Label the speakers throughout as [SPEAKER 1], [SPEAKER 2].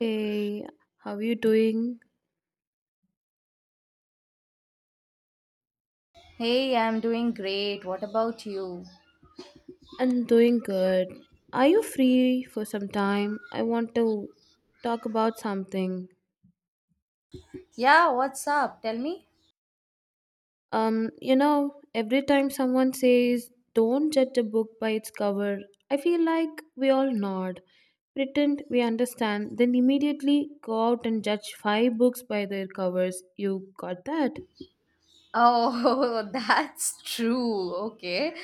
[SPEAKER 1] Hey, how are you doing?
[SPEAKER 2] Hey, I'm doing great. What about you?
[SPEAKER 1] I'm doing good. Are you free for some time? I want to talk about something.
[SPEAKER 2] Yeah, what's up? Tell me.
[SPEAKER 1] Every time someone says, don't judge a book by its cover, I feel like we all nod, pretend we understand, then immediately go out and judge five books by their covers. You got that?
[SPEAKER 2] Oh, that's true. Okay.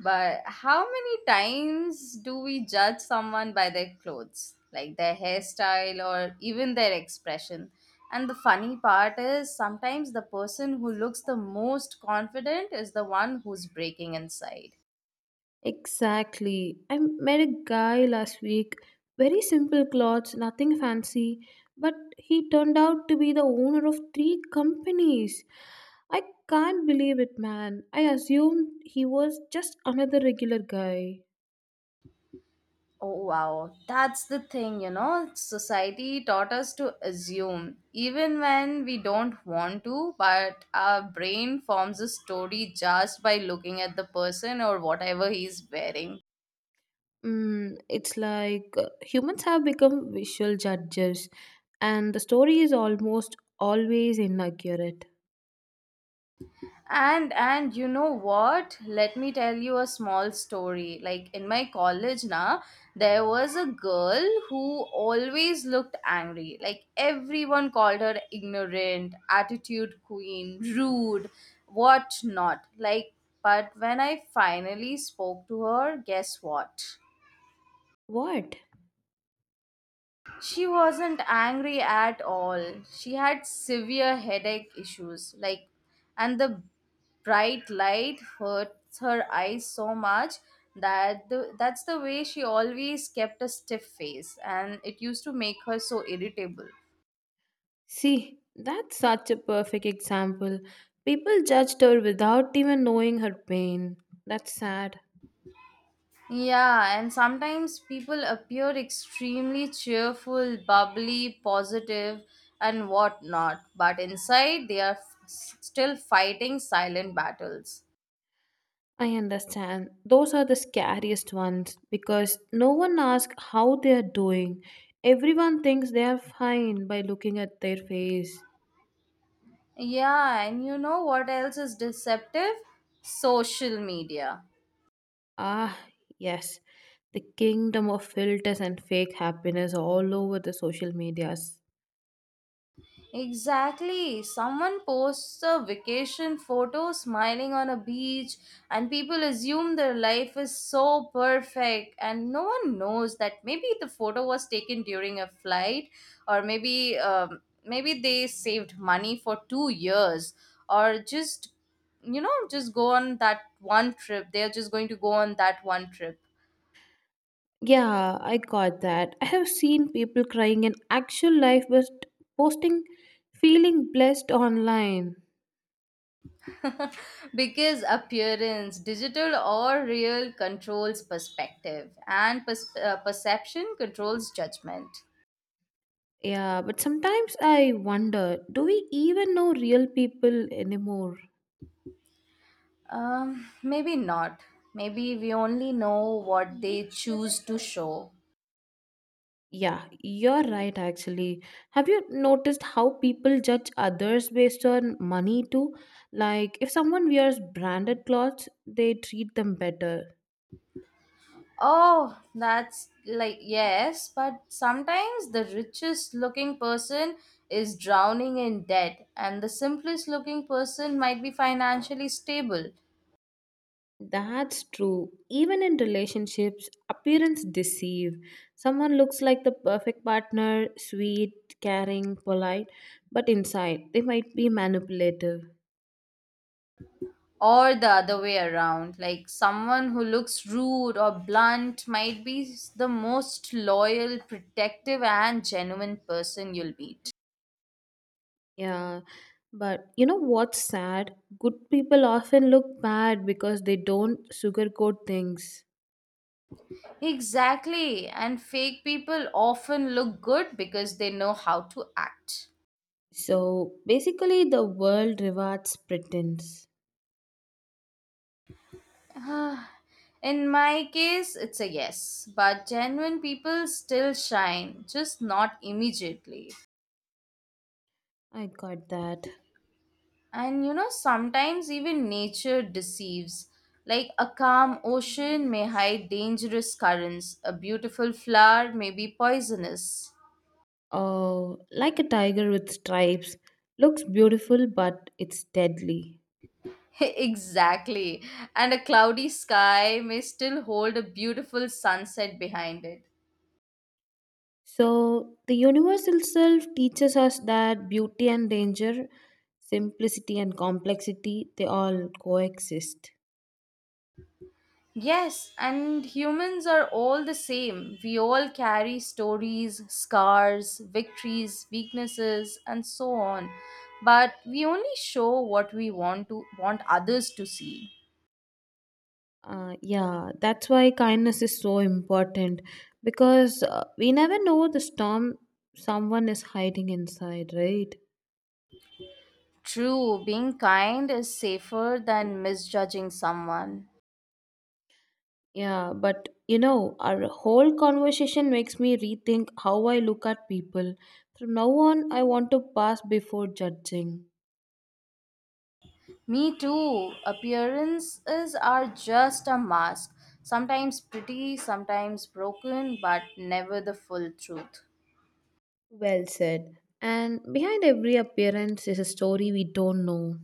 [SPEAKER 2] But how many times do we judge someone by their clothes, like their hairstyle or even their expression? And the funny part is sometimes the person who looks the most confident is the one who's breaking inside.
[SPEAKER 1] Exactly. I met a guy last week, very simple clothes, nothing fancy, but he turned out to be the owner of three companies. I can't believe it, man. I assumed he was just another regular guy.
[SPEAKER 2] Oh wow, that's the thing, you know. Society taught us to assume, even when we don't want to, but our brain forms a story just by looking at the person or whatever he's wearing.
[SPEAKER 1] It's like humans have become visual judges, and the story is almost always inaccurate.
[SPEAKER 2] And you know what, let me tell you a small story. Like, in my college now, there was a girl who always looked angry. Like, everyone called her ignorant, attitude queen, rude, what not. Like, but when I finally spoke to her, guess what?
[SPEAKER 1] What?
[SPEAKER 2] She wasn't angry at all. She had severe headache issues, like, and the bright light hurts her eyes so much that that's the way she always kept a stiff face, and it used to make her so irritable.
[SPEAKER 1] See, that's such a perfect example. People judged her without even knowing her pain. That's sad.
[SPEAKER 2] Yeah, and sometimes people appear extremely cheerful, bubbly, positive, and whatnot, but inside they are still fighting silent battles.
[SPEAKER 1] I understand. Those are the scariest ones because no one asks how they are doing. Everyone thinks they are fine by looking at their face.
[SPEAKER 2] Yeah, and you know what else is deceptive? Social media.
[SPEAKER 1] Ah, yes. The kingdom of filters and fake happiness all over the social media.
[SPEAKER 2] Exactly. Someone posts a vacation photo smiling on a beach, and people assume their life is so perfect, and no one knows that maybe the photo was taken during a flight, or maybe maybe they saved money for 2 years, or just you know just go on that one trip. They're just going to go on that one trip
[SPEAKER 1] Yeah, I got that. I have seen people crying in actual life but posting feeling blessed online.
[SPEAKER 2] because appearance, digital or real, controls perspective, and perception controls judgment.
[SPEAKER 1] Yeah, but sometimes I wonder, do we even know real people anymore?
[SPEAKER 2] Maybe not. Maybe we only know what they choose to show.
[SPEAKER 1] Yeah, you're right actually. Have you noticed how people judge others based on money too? Like if someone wears branded clothes, they treat them better.
[SPEAKER 2] Oh, that's like, yes, but sometimes the richest looking person is drowning in debt, and the simplest looking person might be financially stable.
[SPEAKER 1] That's true. Even in relationships, appearance deceive. Someone looks like the perfect partner, sweet, caring, polite, but inside they might be manipulative.
[SPEAKER 2] Or the other way around. Like, someone who looks rude or blunt might be the most loyal, protective, and genuine person you'll meet.
[SPEAKER 1] Yeah. But you know what's sad? Good people often look bad because they don't sugarcoat things.
[SPEAKER 2] Exactly, and fake people often look good because they know how to act.
[SPEAKER 1] So basically, the world rewards pretense.
[SPEAKER 2] In my case, it's a yes, but genuine people still shine, just not immediately.
[SPEAKER 1] I got that.
[SPEAKER 2] And you know, sometimes even nature deceives. Like a calm ocean may hide dangerous currents, a beautiful flower may be poisonous.
[SPEAKER 1] Oh, like a tiger with stripes. Looks beautiful, but it's deadly.
[SPEAKER 2] Exactly. And a cloudy sky may still hold a beautiful sunset behind it.
[SPEAKER 1] So, the universe itself teaches us that beauty and danger, simplicity and complexity, they all coexist.
[SPEAKER 2] Yes, and humans are all the same. We all carry stories, scars, victories, weaknesses, and so on. But we only show what we want others to see.
[SPEAKER 1] Yeah, that's why kindness is so important because we never know the storm someone is hiding inside, right?
[SPEAKER 2] True, being kind is safer than misjudging someone.
[SPEAKER 1] Yeah, but you know, our whole conversation makes me rethink how I look at people. From now on, I want to pass before judging.
[SPEAKER 2] Me too. Appearances are just a mask, sometimes pretty, sometimes broken, but never the full truth.
[SPEAKER 1] Well said. And behind every appearance is a story we don't know.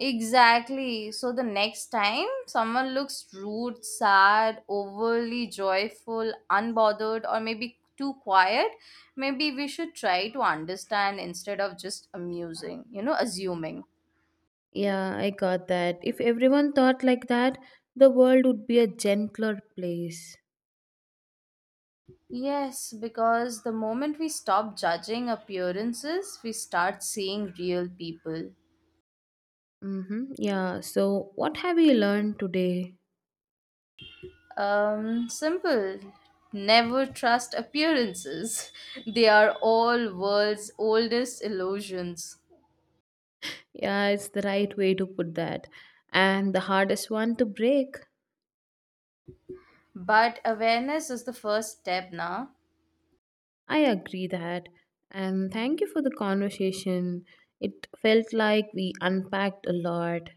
[SPEAKER 2] Exactly. So the next time someone looks rude, sad, overly joyful, unbothered, or maybe too quiet, maybe we should try to understand instead of just amusing, you know, assuming.
[SPEAKER 1] Yeah, I got that. If everyone thought like that, the world would be a gentler place.
[SPEAKER 2] Yes, because the moment we stop judging appearances, we start seeing real people.
[SPEAKER 1] Mm-hmm. Yeah, so what have you learned today?
[SPEAKER 2] Simple. Never trust appearances. They are all world's oldest illusions.
[SPEAKER 1] Yeah, it's the right way to put that. And the hardest one to break.
[SPEAKER 2] But awareness is the first step now.
[SPEAKER 1] I agree that. And thank you for the conversation. It felt like we unpacked a lot.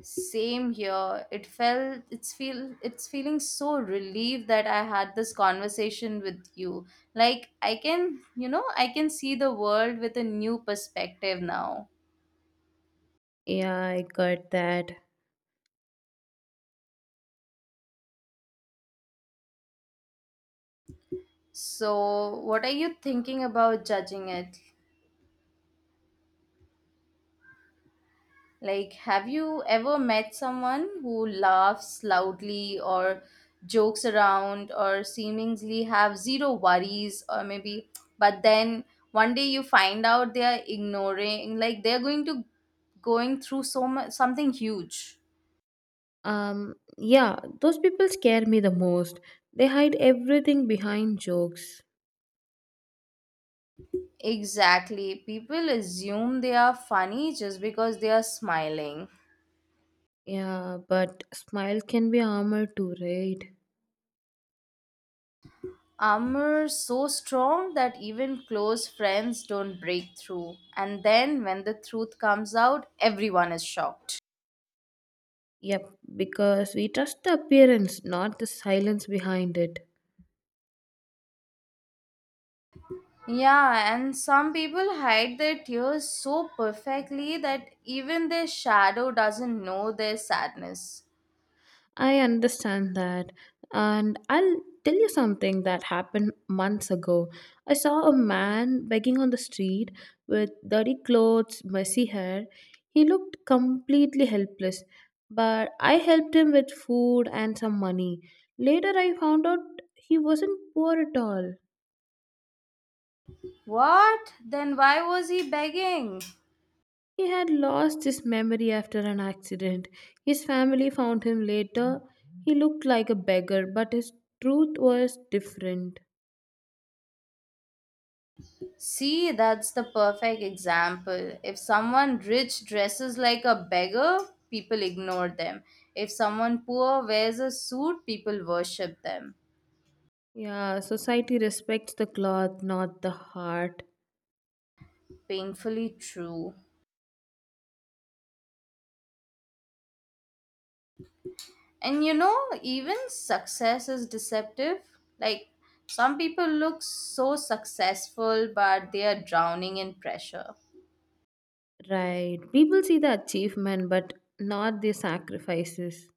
[SPEAKER 2] Same here. It felt it's feel it's feeling so relieved that I had this conversation with you. Like, I can, you know, I can see the world with a new perspective now.
[SPEAKER 1] Yeah, I got that.
[SPEAKER 2] So, what are you thinking about judging it? Like, have you ever met someone who laughs loudly or jokes around or seemingly have zero worries or maybe, but then one day you find out they are ignoring, like, they're going to going through so much, something huge.
[SPEAKER 1] Yeah, those people scare me the most. They hide everything behind jokes.
[SPEAKER 2] Exactly. People assume they are funny just because they are smiling.
[SPEAKER 1] Yeah, but smile can be armor too, right?
[SPEAKER 2] Armor so strong that even close friends don't break through. And then when the truth comes out, everyone is shocked.
[SPEAKER 1] Yep, because we trust the appearance, not the silence behind it.
[SPEAKER 2] Yeah, and some people hide their tears so perfectly that even their shadow doesn't know their sadness.
[SPEAKER 1] I understand that. And I'll tell you something that happened months ago. I saw a man begging on the street with dirty clothes, messy hair. He looked completely helpless, but I helped him with food and some money. Later, I found out he wasn't poor at all.
[SPEAKER 2] What? Then why was he begging?
[SPEAKER 1] He had lost his memory after an accident. His family found him later. He looked like a beggar, but his truth was different.
[SPEAKER 2] See, that's the perfect example. If someone rich dresses like a beggar, people ignore them. If someone poor wears a suit, people worship them.
[SPEAKER 1] Yeah, society respects the cloth, not the heart.
[SPEAKER 2] Painfully true. And you know, even success is deceptive. Like, some people look so successful, but they are drowning in pressure.
[SPEAKER 1] Right. People see the achievement, but not the sacrifices.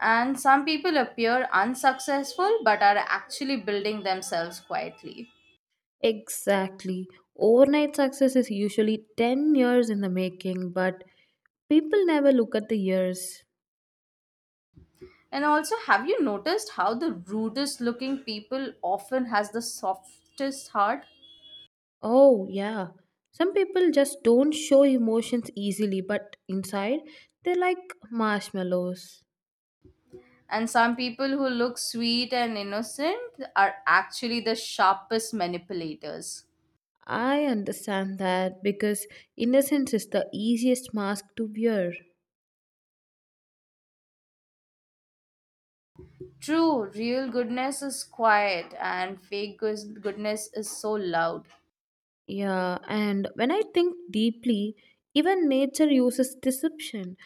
[SPEAKER 2] And some people appear unsuccessful, but are actually building themselves quietly.
[SPEAKER 1] Exactly. Overnight success is usually 10 years in the making, but people never look at the years.
[SPEAKER 2] And also, have you noticed how the rudest looking people often has the softest heart?
[SPEAKER 1] Oh, yeah. Some people just don't show emotions easily, but inside, they're like marshmallows.
[SPEAKER 2] And some people who look sweet and innocent are actually the sharpest manipulators.
[SPEAKER 1] I understand that because innocence is the easiest mask to wear.
[SPEAKER 2] True, real goodness is quiet and goodness is so loud.
[SPEAKER 1] Yeah, and when I think deeply, even nature uses deception.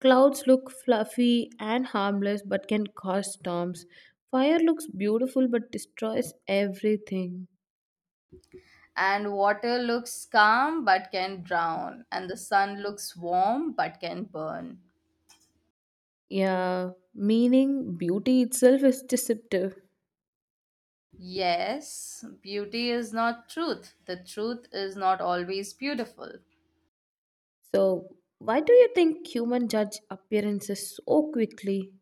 [SPEAKER 1] Clouds look fluffy and harmless but can cause storms. Fire looks beautiful but destroys everything.
[SPEAKER 2] And water looks calm but can drown, and the sun looks warm but can burn.
[SPEAKER 1] Yeah, meaning beauty itself is deceptive.
[SPEAKER 2] Yes, beauty is not truth. The truth is not always beautiful.
[SPEAKER 1] So, why do you think human judge appearances so quickly?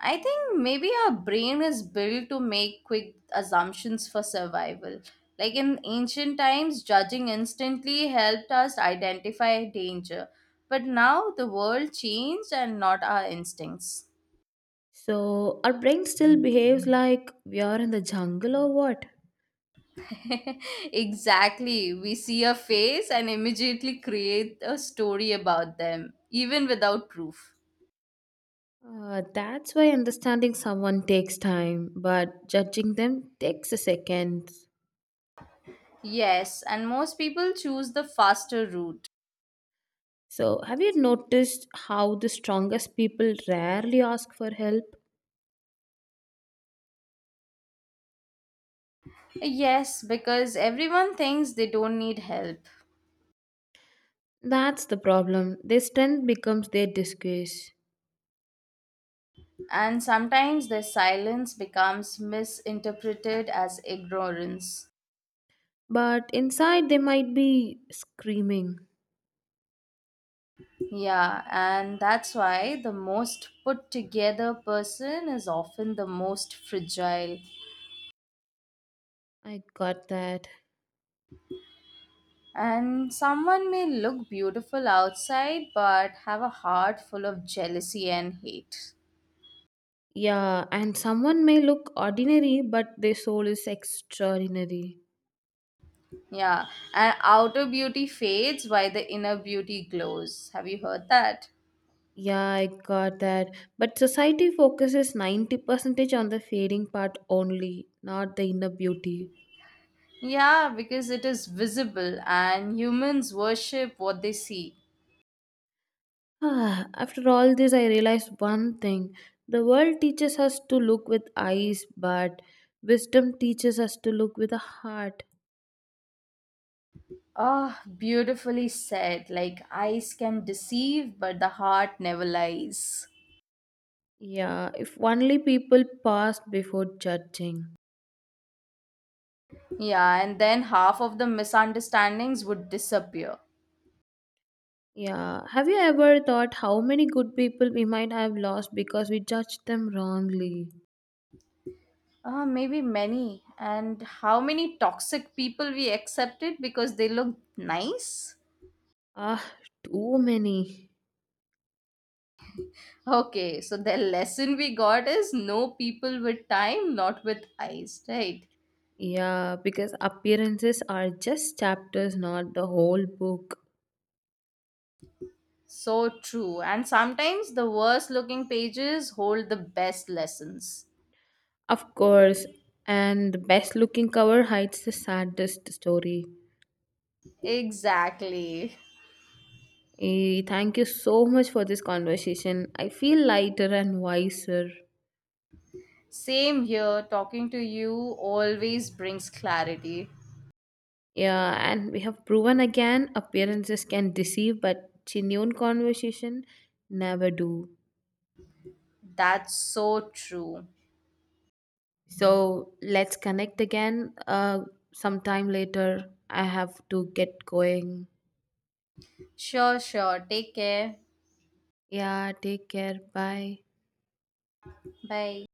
[SPEAKER 2] I think maybe our brain is built to make quick assumptions for survival. Like in ancient times, judging instantly helped us identify danger. But now the world changed and not our instincts.
[SPEAKER 1] So, our brain still behaves like we are in the jungle or what?
[SPEAKER 2] Exactly. We see a face and immediately create a story about them, even without proof.
[SPEAKER 1] That's why understanding someone takes time, but judging them takes a second.
[SPEAKER 2] Yes, and most people choose the faster route.
[SPEAKER 1] So, have you noticed how the strongest people rarely ask for help?
[SPEAKER 2] Yes, because everyone thinks they don't need help.
[SPEAKER 1] That's the problem. Their strength becomes their disgrace.
[SPEAKER 2] And sometimes their silence becomes misinterpreted as ignorance.
[SPEAKER 1] But inside, they might be screaming.
[SPEAKER 2] Yeah, and that's why the most put together person is often the most fragile.
[SPEAKER 1] I got that.
[SPEAKER 2] And someone may look beautiful outside but have a heart full of jealousy and hate.
[SPEAKER 1] Yeah, and someone may look ordinary, but their soul is extraordinary.
[SPEAKER 2] Yeah, and outer beauty fades while the inner beauty glows. Have you heard that?
[SPEAKER 1] Yeah, I got that. But society focuses 90% on the fading part only, not the inner beauty.
[SPEAKER 2] Yeah, because it is visible and humans worship what they see.
[SPEAKER 1] Ah, after all this, I realized one thing. The world teaches us to look with eyes, but wisdom teaches us to look with a heart.
[SPEAKER 2] Oh, beautifully said. Like, eyes can deceive, but the heart never lies.
[SPEAKER 1] Yeah, if only people paused before judging.
[SPEAKER 2] Yeah, and then half of the misunderstandings would disappear.
[SPEAKER 1] Yeah, have you ever thought how many good people we might have lost because we judged them wrongly?
[SPEAKER 2] Maybe many. And how many toxic people we accepted because they look nice?
[SPEAKER 1] Ah, too many.
[SPEAKER 2] Okay, so the lesson we got is no people with time, not with eyes, right?
[SPEAKER 1] Yeah, because appearances are just chapters, not the whole book.
[SPEAKER 2] So true. And sometimes the worst looking pages hold the best lessons.
[SPEAKER 1] Of course, and the best looking cover hides the saddest story.
[SPEAKER 2] Exactly.
[SPEAKER 1] Eh, thank you so much for this conversation. I feel lighter and wiser.
[SPEAKER 2] Same here, talking to you always brings clarity.
[SPEAKER 1] Yeah, and we have proven again appearances can deceive, but genuine conversation never do.
[SPEAKER 2] That's so true.
[SPEAKER 1] So let's connect again sometime later. I have to get going.
[SPEAKER 2] Sure, sure. Take care.
[SPEAKER 1] Yeah, take care. Bye.
[SPEAKER 2] Bye.